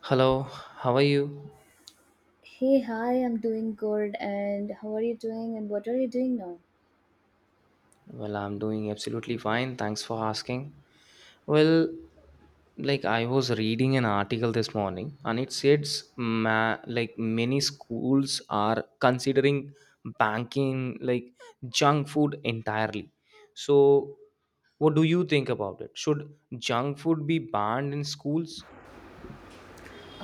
Hello, how are you? Hey, hi, I'm doing good. And how are you doing? And what are you doing now? Well, I'm doing absolutely fine. Thanks for asking. Well, like I was reading an article this morning and it says like many schools are considering banking like junk food entirely. So, what do you think about it? Should junk food be banned in schools?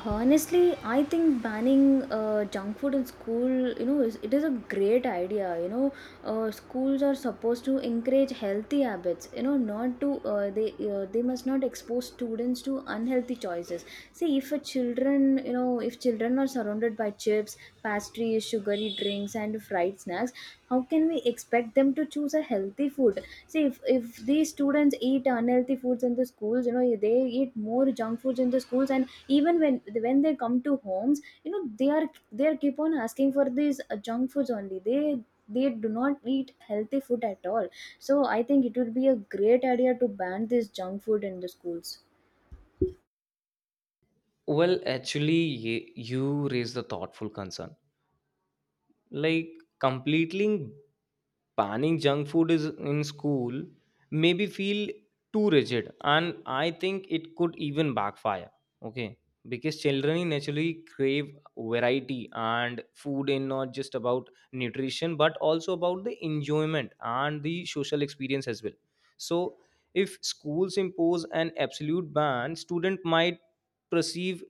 Honestly, I think banning junk food in school, you know, it is a great idea. You know, schools are supposed to encourage healthy habits. You know, not to they must not expose students to unhealthy choices. See, if a children, you know, if children are surrounded by chips, pastries, sugary drinks, and fried snacks, how can we expect them to choose a healthy food? See if these students eat unhealthy foods in the schools, you know, they eat more junk foods in the schools, and even when they come to homes, you know, they are keep on asking for these junk foods only. They do not eat healthy food at all. So I think it would be a great idea to ban this junk food in the schools. Well, actually, you raised the thoughtful concern. Like completely banning junk food is in school maybe feel too rigid, and I think it could even backfire. Okay, because children naturally crave variety and food is not just about nutrition but also about the enjoyment and the social experience as well. So if schools impose an absolute ban, student might perceive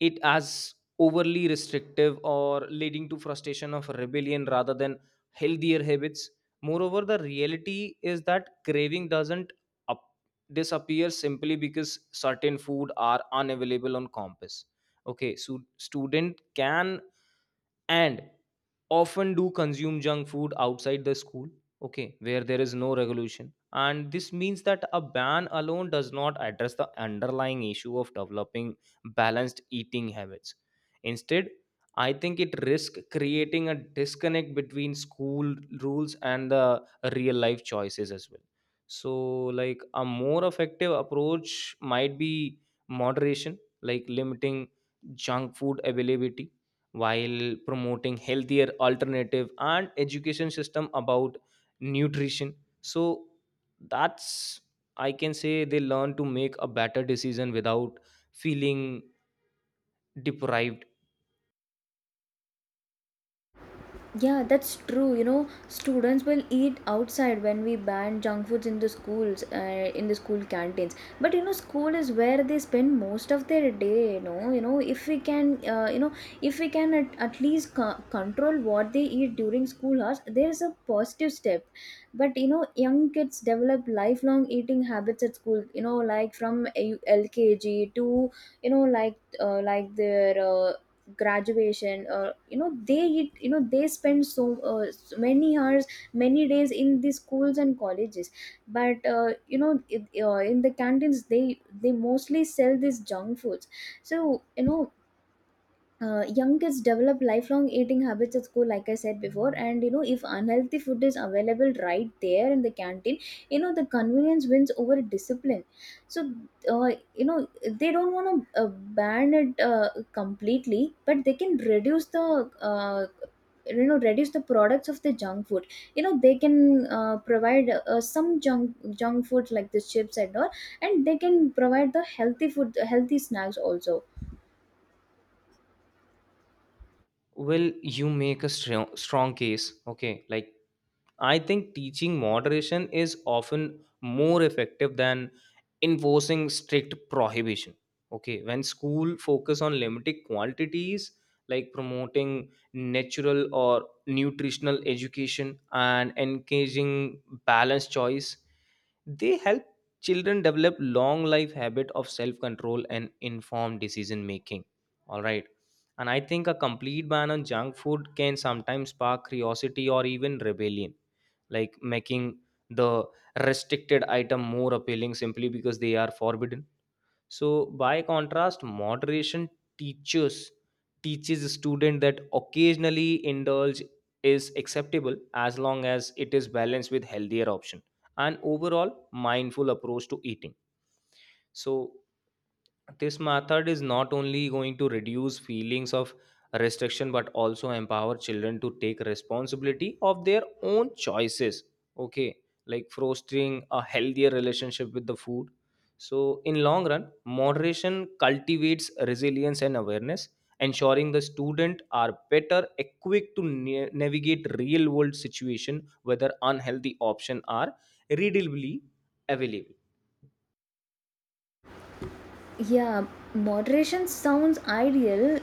it as overly restrictive or leading to frustration of rebellion rather than healthier habits. Moreover, the reality is that craving doesn't up- disappear simply because certain food are unavailable on campus. Okay, so student can and often do consume junk food outside the school, okay, where there is no regulation, and this means that a ban alone does not address the underlying issue of developing balanced eating habits. Instead, I think it risks creating a disconnect between school rules and the real life choices as well. So like a more effective approach might be moderation, like limiting junk food availability while promoting healthier alternative and education system about nutrition. So that's, I can say, they learn to make a better decision without feeling deprived. Yeah, that's true. You know, students will eat outside when we ban junk foods in the schools, in the school canteens. But you know, school is where they spend most of their day. You know, if we can, if we can at least control what they eat during school hours, there's a positive step. But you know, young kids develop lifelong eating habits at school. You know, like from LKG to you know, like their graduation. You know they eat, you know they spend many hours, many days in the schools and colleges. But you know in the canteens they mostly sell these junk foods. So you know, young kids develop lifelong eating habits at school like I said before, and you know if unhealthy food is available right there in the canteen, you know the convenience wins over discipline. So, uh, you know they don't want to ban it completely, but they can reduce the, uh, reduce the products of the junk food. You know they can provide some junk food like the chips and all, and they can provide the healthy food, healthy snacks also. Well, you make a strong case, okay. Like I think teaching moderation is often more effective than enforcing strict prohibition. Okay, when school focus on limited quantities, like promoting natural or nutritional education and engaging balanced choice, they help children develop long life habit of self control and informed decision making. All right. And I think a complete ban on junk food can sometimes spark curiosity or even rebellion, like making the restricted item more appealing simply because they are forbidden. So by contrast, moderation teaches teaches a student that occasionally indulge is acceptable as long as it is balanced with healthier option and overall mindful approach to eating. So this method is not only going to reduce feelings of restriction but also empower children to take responsibility of their own choices, okay, like fostering a healthier relationship with the food. So in long run, moderation cultivates resilience and awareness, ensuring the student are better equipped to navigate real world situation whether unhealthy option are readily available. Yeah, moderation sounds ideal,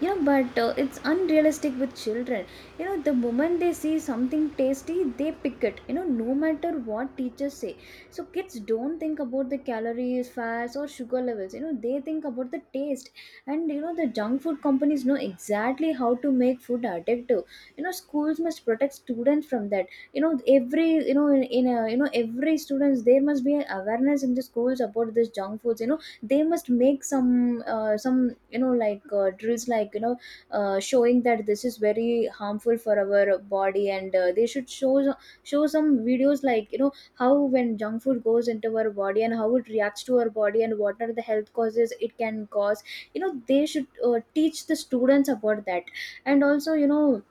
you know, but it's unrealistic with children. You know, the moment they see something tasty, they pick it, you know, no matter what teachers say. So, kids don't think about the calories, fats, or sugar levels, you know, they think about the taste. And, you know, the junk food companies know exactly how to make food addictive. You know, schools must protect students from that. You know, every, you know, in a, you know, every students, there must be an awareness in the schools about this junk foods. You know they must make some, you know, like drills, like you know, showing that this is very harmful for our body, and they should show some videos, like you know, how when junk food goes into our body and how it reacts to our body and what are the health causes it can cause. You know they should teach the students about that. And also you know,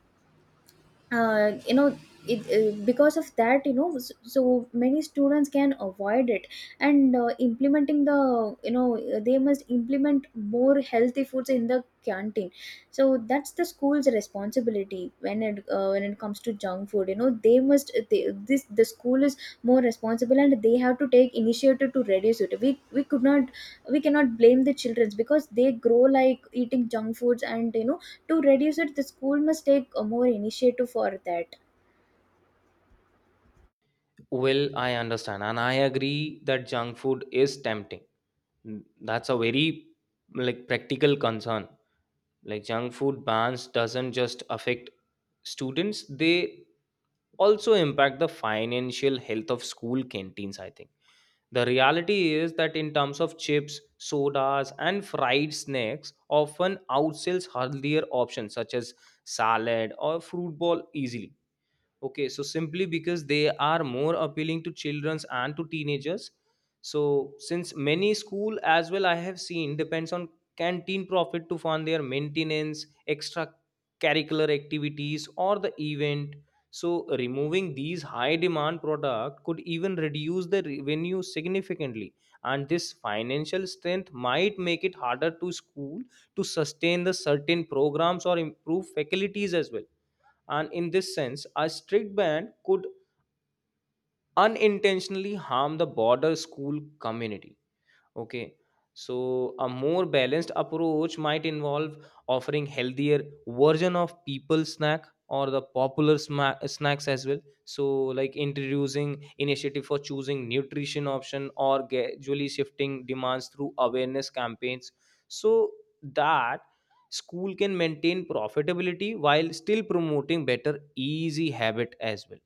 uh, you know because of that, you know, so many students can avoid it. And implementing the, they must implement more healthy foods in the canteen. So that's the school's responsibility when it comes to junk food. You know they must they, this the school is more responsible and they have to take initiative to reduce it. We could not, we cannot blame the children, because they grow like eating junk foods. And you know, to reduce it, the school must take a more initiative for that. Well, I understand, and I agree that junk food is tempting. Mm, that's a very like practical concern. Like junk food bans doesn't just affect students; they also impact the financial health of school canteens. I think the reality is that in terms of chips, sodas, and fried snacks, often outsells healthier options such as salad or fruit ball easily. Okay, so simply because they are more appealing to childrens and to teenagers. So since many school as well I have seen depends on canteen profit to fund their maintenance, extra curricular activities or the event. So removing these high demand product could even reduce the revenue significantly, and this financial strength might make it harder to school to sustain the certain programs or improve faculties as well. And in this sense, a strict ban could unintentionally harm the border school community. Okay. So a more balanced approach might involve offering healthier version of people snack or the popular snacks as well. So like introducing initiative for choosing nutrition option or gradually shifting demands through awareness campaigns, so that school can maintain profitability while still promoting better easy habit as well.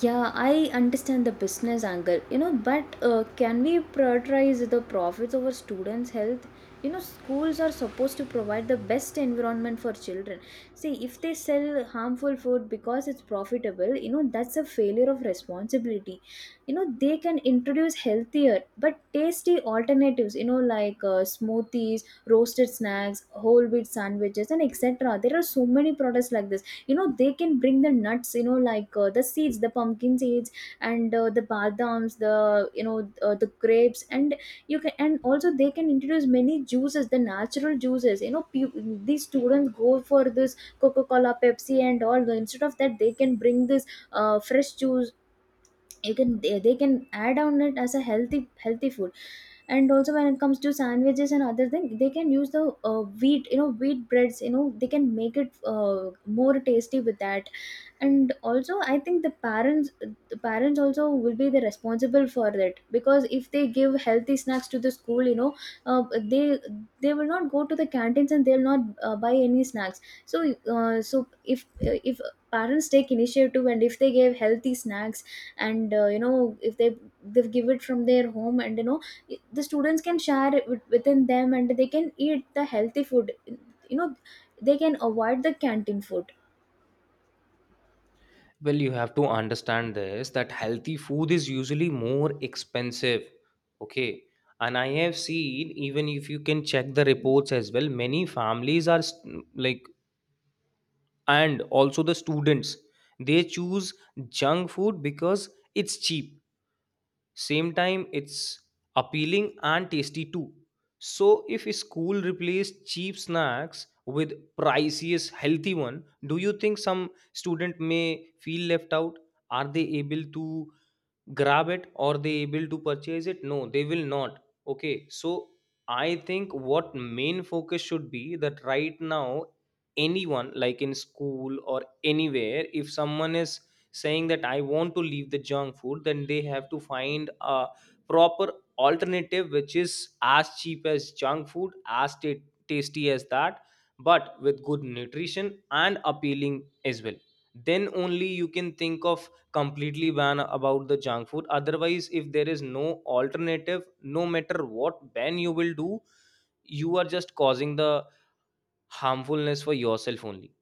Yeah, I understand the business angle, you know, but can we prioritize the profits over students' health? You know, schools are supposed to provide the best environment for children. See, if they sell harmful food because it's profitable, you know, that's a failure of responsibility. You know, they can introduce healthier but tasty alternatives, you know, like smoothies, roasted snacks, whole wheat sandwiches, and etc. There are so many products like this. You know they can bring the nuts, you know, like the seeds, the pumpkin seeds, and the badams, the grapes. And you can and also they can introduce many juices, the natural juices, you know. These students go for this coca cola, pepsi and all. Instead of that, they can bring this fresh juice. You can They can add on it as a healthy food. And also when it comes to sandwiches and other thing, they can use the wheat, you know wheat breads. You know they can make it more tasty with that. And also I think the parents, the parents also will be the responsible for that, because if they give healthy snacks to the school, you know, uh, they they will not go to the canteens and they'll not buy any snacks. So, if parents take initiative and if they give healthy snacks, and you know, if they, they give it from their home, and you know the students can share it within them and they can eat the healthy food. You know they can avoid the canteen food. Well, you have to understand this that healthy food is usually more expensive. Okay. And I have seen, even if you can check the reports as well, many families are and also the students, they choose junk food because it's cheap, same time it's appealing and tasty too. So if a school replaced cheap snacks with priciest healthy one, do you think some student may feel left out? Are they able to grab it, or they able to purchase it? No, they will not. Okay, so I think what main focus should be, that right now anyone like in school or anywhere, if someone is saying that I want to leave the junk food, then they have to find a proper alternative which is as cheap as junk food, as tasty as that, but with good nutrition and appealing as well. Then only you can think of completely ban about the junk food. Otherwise, if there is no alternative, no matter what ban you will do, you are just causing the harmfulness for yourself only.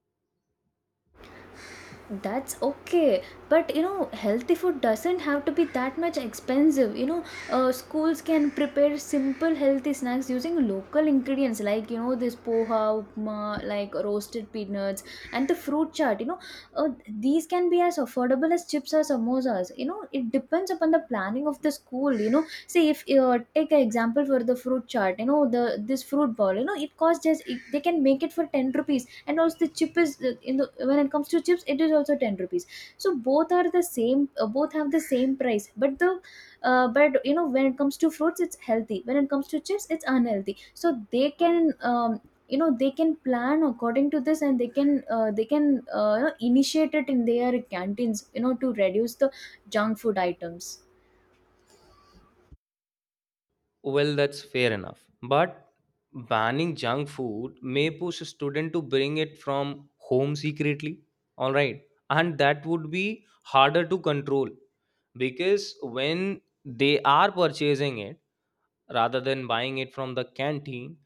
That's okay, but you know, healthy food doesn't have to be that much expensive. You know, schools can prepare simple healthy snacks using local ingredients, like you know this poha, upma, like roasted peanuts, and the fruit chart. You know, these can be as affordable as chips or samosas. You know, it depends upon the planning of the school. You know, say if take an example for the fruit chart. You know, the this fruit ball. You know, it costs they can make it for ten rupees. And also the chip is, in the when it comes to chips, it is also 10 rupees. So both are the same, both have the same price. But the but you know, when it comes to fruits it's healthy, when it comes to chips it's unhealthy. So they can they can plan according to this, and they can, you know, initiate it in their canteens, you know, to reduce the junk food items. Well, that's fair enough, but banning junk food may push a student to bring it from home secretly, all right, and that would be harder to control. Because when they are purchasing it rather than buying it from the canteen,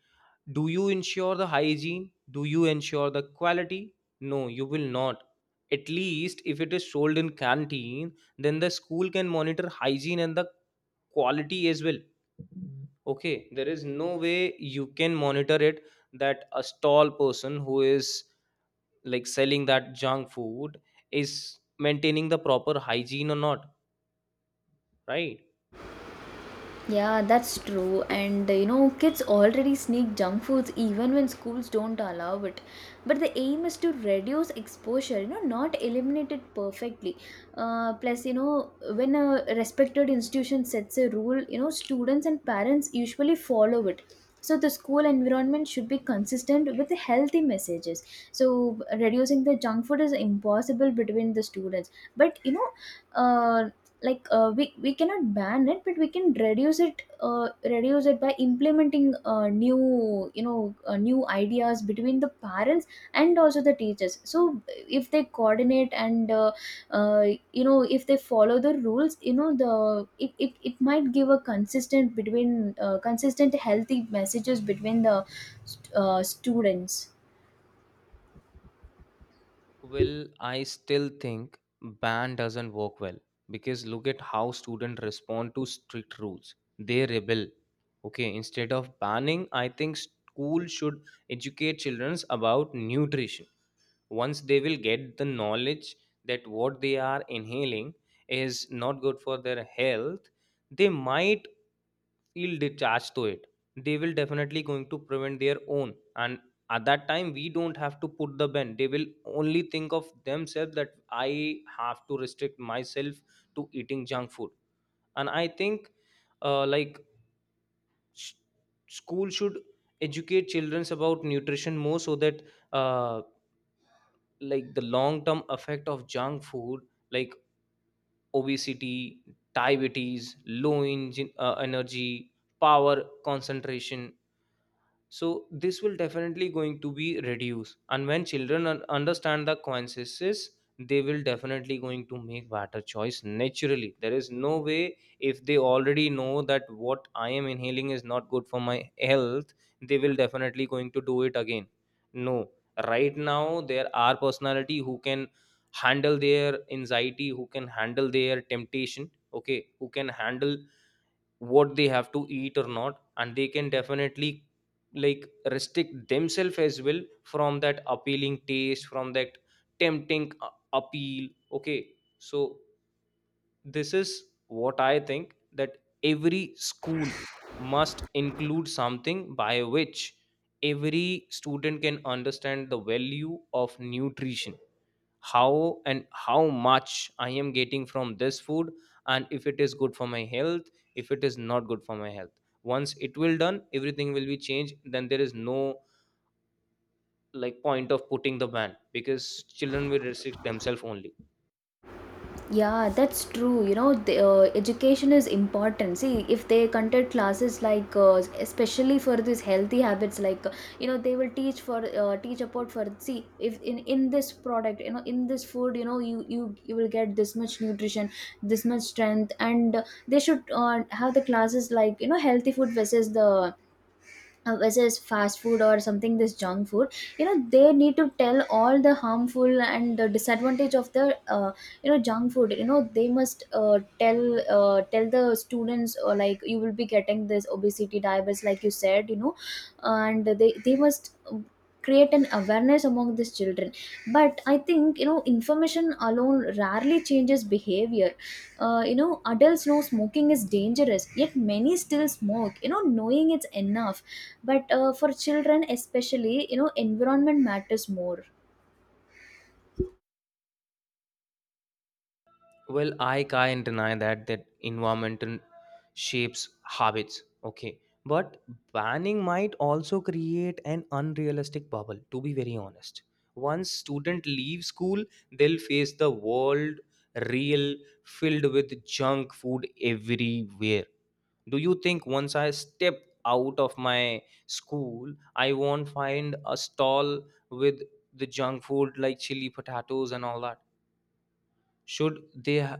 do you ensure the hygiene? Do you ensure the quality? No, you will not. At least if it is sold in canteen, then the school can monitor hygiene and the quality as well. Okay, there is no way you can monitor it, that a stall person who is like selling that junk food is maintaining the proper hygiene or not, right? Yeah, that's true. And you know, kids already sneak junk foods even when schools don't allow it. But the aim is to reduce exposure, you know, not eliminate it perfectly. Plus, you know, when a respected institution sets a rule, you know, students and parents usually follow it. So the school environment should be consistent with the healthy messages. So reducing the junk food is impossible between the students. But you know, uh, we cannot ban it, but we can reduce it, reduce it by implementing new you know new ideas between the parents and also the teachers. So if they coordinate, and uh, you know, if they follow the rules, you know, it might give a consistent, between consistent healthy messages between the students. Well, I still think ban doesn't work well, because look at how students respond to strict rules. They rebel. Okay, instead of banning, I think school should educate children about nutrition. Once they will get the knowledge that what they are inhaling is not good for their health, they might feel detached to it. They will definitely going to prevent their own, and at that time we don't have to put the ban. They will only think of themselves that I have to restrict myself to eating junk food. And I think like sh- school should educate children about nutrition more, so that uh, like the long term effect of junk food, like obesity, diabetes, low engine, energy power concentration. So this will definitely going to be reduced, and when children understand the consequences, they will definitely going to make better choice naturally. There is no way, if they already know that what I am inhaling is not good for my health, they will definitely going to do it again. No. Right now there are personality who can handle their anxiety, who can handle their temptation, okay, who can handle what they have to eat or not, and they can definitely like restrict themselves as well from that appealing taste, from that tempting appeal, okay. So this is what I think, that every school must include something by which every student can understand the value of nutrition. How and how much I am getting from this food, and if it is good for my health, if it is not good for my health. Once it will done, everything will be changed. Then there is no like point of putting the ban, because children will restrict themselves only. Yeah, that's true. You know, the, education is important. See, if they conduct classes like, especially for these healthy habits, like you know, they will teach for teach about, for see if in this product, you know, in this food, you know, you will get this much nutrition, this much strength. And they should have the classes like, you know, healthy food versus the versus fast food or something, this junk food. You know they need to tell all the harmful and the disadvantage of the, junk food. You know they must tell the students, or like you will be getting this obesity, diabetes, like you said, you know. And they must create an awareness among these children. But I think, you know, information alone rarely changes behavior. Uh, you know, adults know smoking is dangerous, yet many still smoke. You know, knowing it's enough. But for children especially, you know, environment matters more. Well, I can't deny that environment and shapes habits. Okay, but banning might also create an unrealistic bubble. To be very honest, once student leave school, they'll face the world real, filled with junk food everywhere. Do you think once I step out of my school, I won't find a stall with the junk food like chili potatoes and all that? should they ha-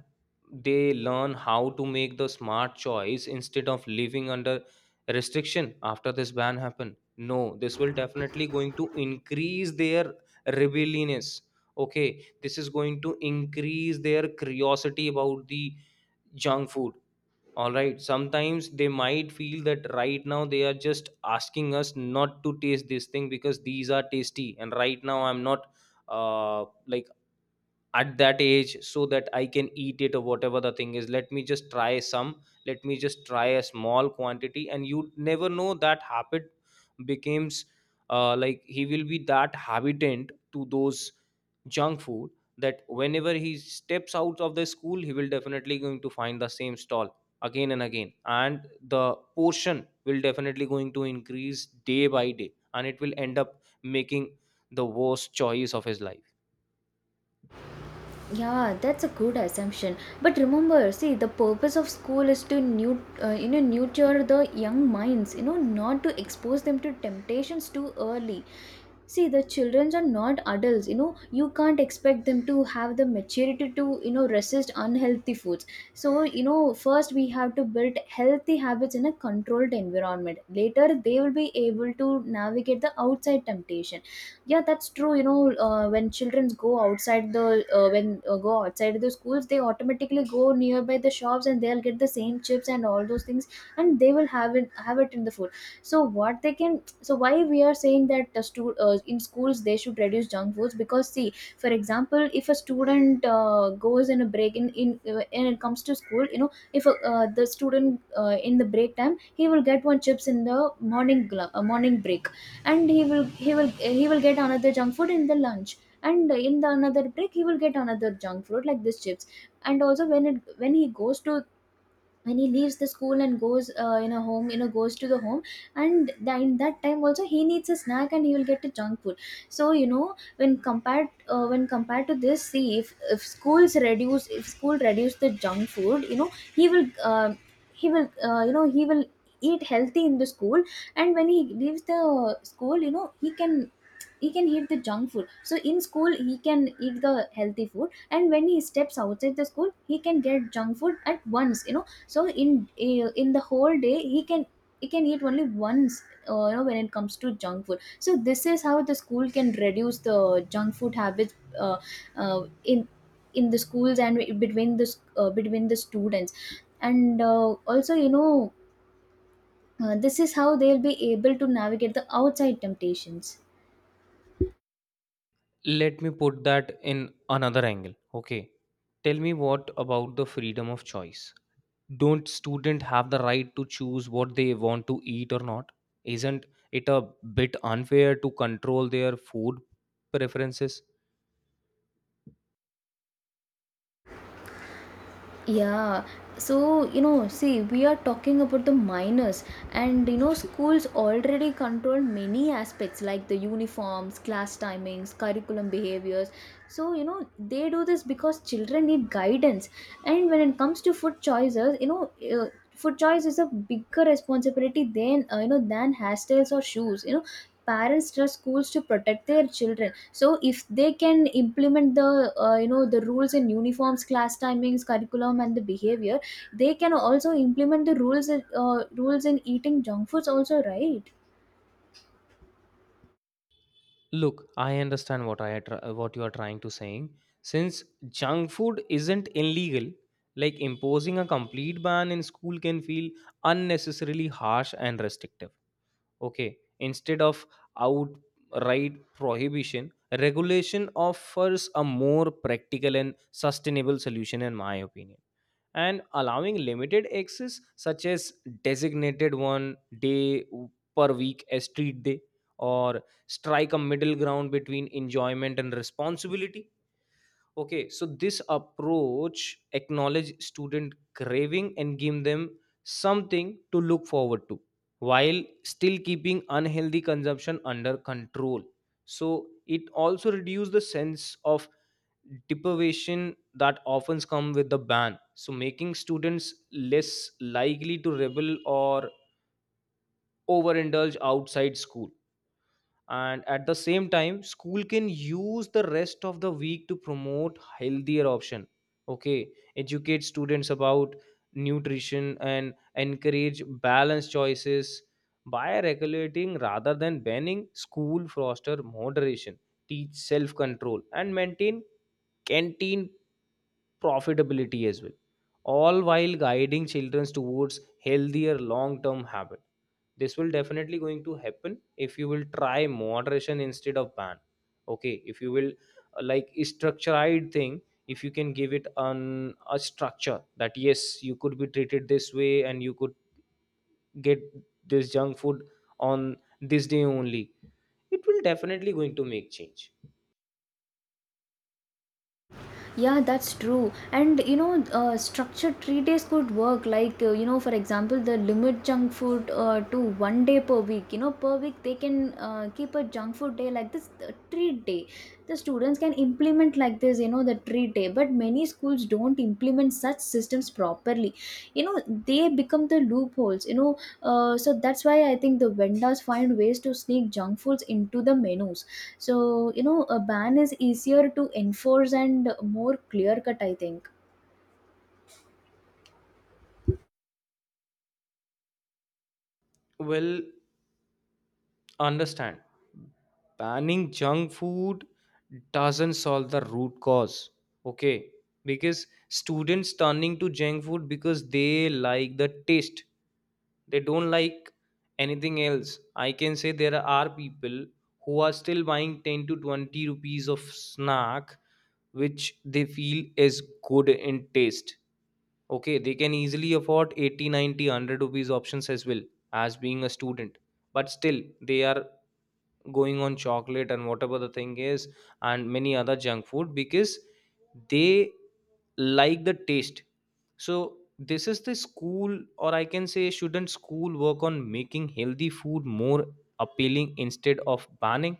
they learn how to make the smart choice instead of living under restriction. After this ban happen, no, this will definitely going to increase their rebelliousness. Okay, this is going to increase their curiosity about the junk food. All right, sometimes they might feel that right now they are just asking us not to taste this thing because these are tasty, and right now I'm not like at that age, so that I can eat it or whatever the thing is. Let me just try some. Let me just try a small quantity, and you never know that habit becomes like, he will be that habitant to those junk food, that whenever he steps out of the school he will definitely going to find the same stall again and again, and the portion will definitely going to increase day by day, and it will end up making the worst choice of his life. Yeah, that's a good assumption. But remember, see, the purpose of school is to you know, nurture the young minds, you know, not to expose them to temptations too early. See, the children are not adults, you know, you can't expect them to have the maturity to, you know, resist unhealthy foods. So, you know, first we have to build healthy habits in a controlled environment. Later, they will be able to navigate the outside temptation. Yeah, that's true, you know. When children go outside the when go outside the schools, they automatically go nearby the shops and they'll get the same chips and all those things, and they will have it in the food. So what they can, so why we are saying that in schools they should reduce junk foods, because see, for example, if a student goes in a break in and it comes to school, you know, if the student, in the break time he will get one chips in the morning, morning break, and he will he will get another junk food in the lunch, and in the another break he will get another junk food like this chips. And also when it when he goes to, and he leaves the school and goes in a home, you know, goes to the home, and in that time also he needs a snack and he will get a junk food. So you know, when compared to this, see, if schools reduce, if school reduce the junk food, you know, he will uh, he will eat healthy in the school. And when he leaves the school, you know, he can eat the junk food. So in school he can eat the healthy food, and when he steps outside the school he can get junk food at once, you know. So in the whole day he can eat only once. You know, when it comes to junk food, so this is how the school can reduce the junk food habits, uh, in in the schools and between the between the students. And also, you know, this is how they'll be able to navigate the outside temptations. Let me put that in another angle. Okay. Tell me, what about the freedom of choice? Don't student have the right to choose what they want to eat or not? Isn't it a bit unfair to control their food preferences? Yeah, so you know, see, we are talking about the minors, and you know, schools already control many aspects like the uniforms, class timings, curriculum behaviors. So, you know, they do this because children need guidance. And when it comes to food choices, you know, food choice is a bigger responsibility than than hairstyles or shoes, you know. Parents trust schools to protect their children, so if they can implement the you know, the rules in uniforms, class timings, curriculum and the behavior, they can also implement the rules in eating junk foods also, right? Look, I understand what what you are trying to saying. Since junk food isn't illegal, like imposing a complete ban in school can feel unnecessarily harsh and restrictive. Okay, instead of outright prohibition, regulation offers a more practical and sustainable solution in my opinion, and allowing limited access such as designated one day per week as street day or strike a middle ground between enjoyment and responsibility. Okay, so this approach acknowledge student craving and give them something to look forward to while still keeping unhealthy consumption under control. So it also reduce the sense of deprivation that often come with the ban. So making students less likely to rebel or overindulge outside school, and at the same time school can use the rest of the week to promote healthier option, okay, educate students about nutrition and encourage balanced choices by regulating rather than banning school foster moderation, teach self control and maintain canteen profitability as well, all while guiding children towards healthier long term habit. This will definitely going to happen if you will try moderation instead of ban. Okay, if you will like structured thing, if you can give it an a structure that yes you could be treated this way and you could get this junk food on this day only, it will definitely going to make change. Yeah, that's true. And you know, structured 3 days could work. Like you know, for example, the limit junk food to 1 day per week. You know, per week they can keep a junk food day like this, treat day. The students can implement like this. You know, the treat day. But many schools don't implement such systems properly, you know. They become the loopholes, you know. So that's why I think the vendors find ways to sneak junk foods into the menus. So you know, a ban is easier to enforce and more clear cut, I think. Well, understand banning junk food doesn't solve the root cause, okay, because students turning to junk food because they like the taste, they don't like anything else. I can say there are people who are still buying 10 to 20 rupees of snack which they feel is good in taste. Okay, they can easily afford 80, 90, 100 rupees options as well as being a student. But still, they are going on chocolate and whatever the thing is, and many other junk food because they like the taste. So this is the school, or I can say shouldn't school work on making healthy food more appealing instead of banning?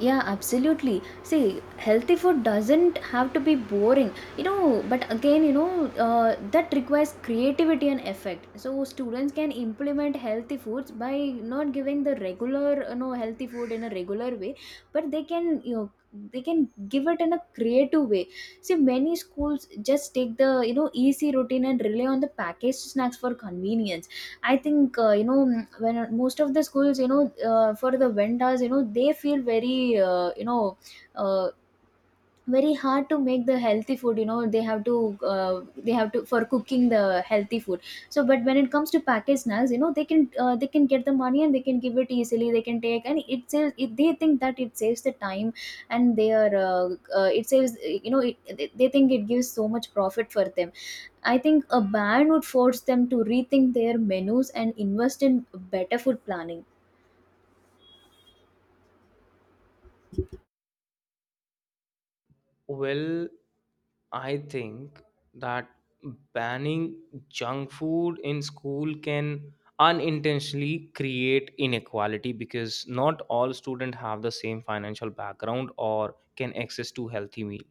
Yeah, absolutely. See, healthy food doesn't have to be boring, you know, but again, you know, that requires creativity and effect. So students can implement healthy foods by not giving the regular, you know, healthy food in a regular way, but they can, you know, they can give it in a creative way. See, many schools just take the, you know, easy routine and rely on the packaged snacks for convenience. I think mm, when most of the schools, you know, for the vendors, you know, they feel very uh, very hard to make the healthy food, you know. They have to, they have to for cooking the healthy food. So but when it comes to packaged snacks, you know, they can, they can get the money and they can give it easily. They can take, and it saves it. They think that it saves the time. And they are it saves, you know, they think it gives so much profit for them. I think a ban would force them to rethink their menus and invest in better food planning. Well, I think that banning junk food in school can unintentionally create inequality, because not all students have the same financial background or can access to healthy meal,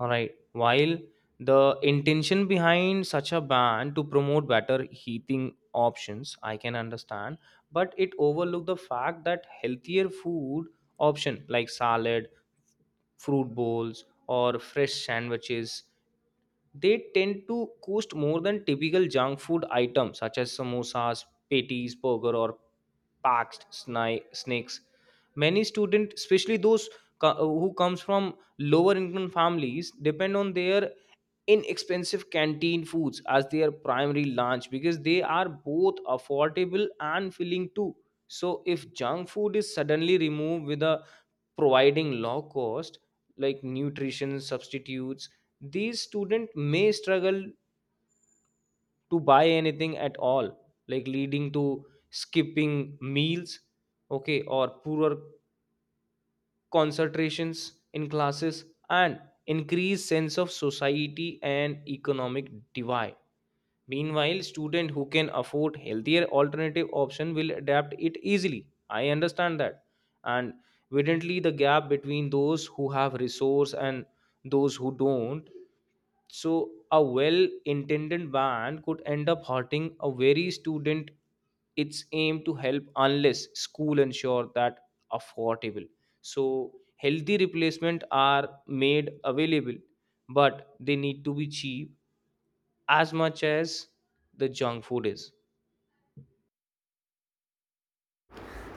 all right. While the intention behind such a ban to promote better heating options, I can understand, but it overlooked the fact that healthier food option like salad, fruit bowls, or fresh sandwiches, they tend to cost more than typical junk food items such as samosas, patties, burger, or packed snakes. Many students, especially those who comes from lower income families, depend on their inexpensive canteen foods as their primary lunch because they are both affordable and filling too. So if junk food is suddenly removed with a providing low cost like nutrition substitutes, these students may struggle to buy anything at all, like leading to skipping meals, okay, or poorer concentrations in classes and increased sense of society and economic divide. Meanwhile, student who can afford healthier alternative option will adapt it easily. I understand that. And evidently the gap between those who have resource and those who don't. So a well-intended ban could end up hurting a very student its aim to help unless school ensure that affordable. So healthy replacement are made available, but they need to be cheap as much as the junk food is.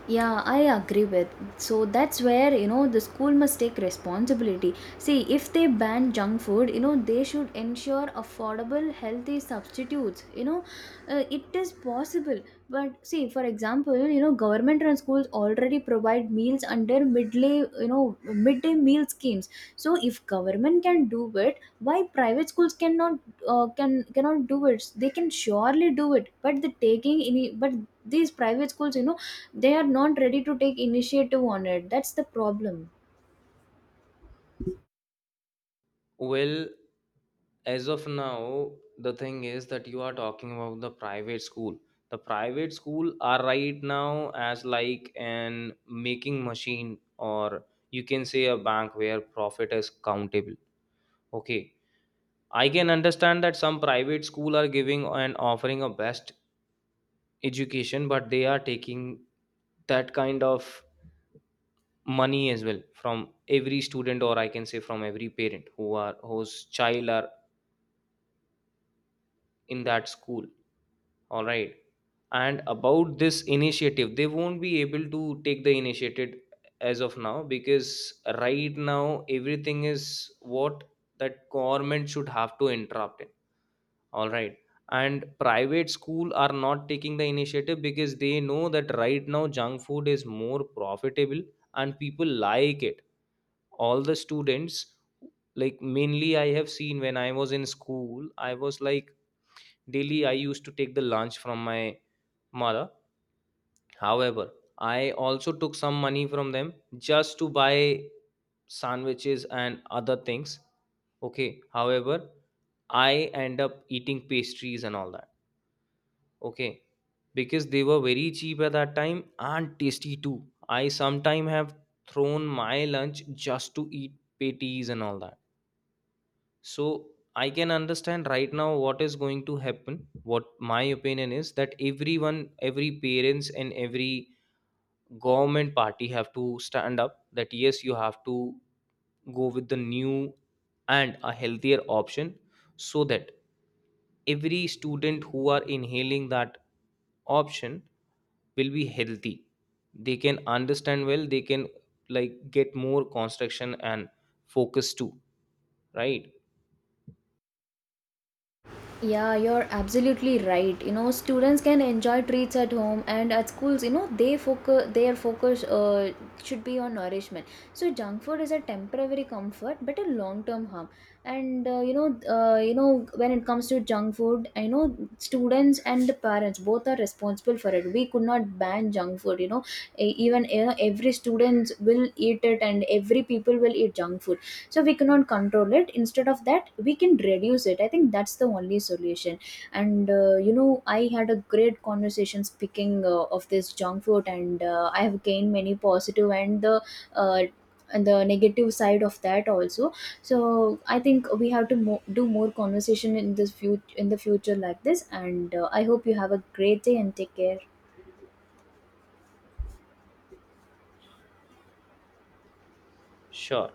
Yeah, I agree with. So that's where, you know, the school must take responsibility. See, if they ban junk food, you know, they should ensure affordable, healthy substitutes. You know, it is possible. But see, for example, you know, government run schools already provide meals under midday, you know, midday meal schemes. So if government can do it, why private schools cannot, cannot do it? They can surely do it, but the taking any but these private schools, you know, they are not ready to take initiative on it. That's the problem. Well, as of now, the thing is that you are talking about the private school. The private school are right now as like an making machine, or you can say a bank where profit is countable, okay. I can understand that some private school are giving and offering a best education, but they are taking that kind of money as well from every student, or I can say from every parent who are whose child are in that school, all right. And about this initiative, they won't be able to take the initiative as of now because right now everything is what that government should have to interrupt in, all right. And private school are not taking the initiative because they know that right now junk food is more profitable and people like it, all the students. Like mainly, I have seen when I was in school, I was like daily I used to take the lunch from my mother. However, I also took some money from them just to buy sandwiches and other things. Okay, however, I end up eating pastries and all that, okay, because they were very cheap at that time and tasty too. I sometime have thrown my lunch just to eat patties and all that. So I can understand right now what is going to happen. What my opinion is that everyone, every parents and every government party have to stand up that yes you have to go with the new and a healthier option, so that every student who are inhaling that option will be healthy. They can understand well, they can like get more construction and focus too, right. Yeah, you're absolutely right. You know, students can enjoy treats at home and at schools. You know, they focus their focus should be on nourishment. So junk food is a temporary comfort, but a long-term harm. And you know, when it comes to junk food, I know students and the parents both are responsible for it. We could not ban junk food. You know, even you know every students will eat it, and every people will eat junk food. So we cannot control it. Instead of that, we can reduce it. I think that's the only solution. And you know, I had a great conversation speaking of this junk food, and I have gained many positive uh, and the negative side of that also. So I think we have to do more conversation in this future, in the future, like this. And I hope you have a great day and take care. Sure.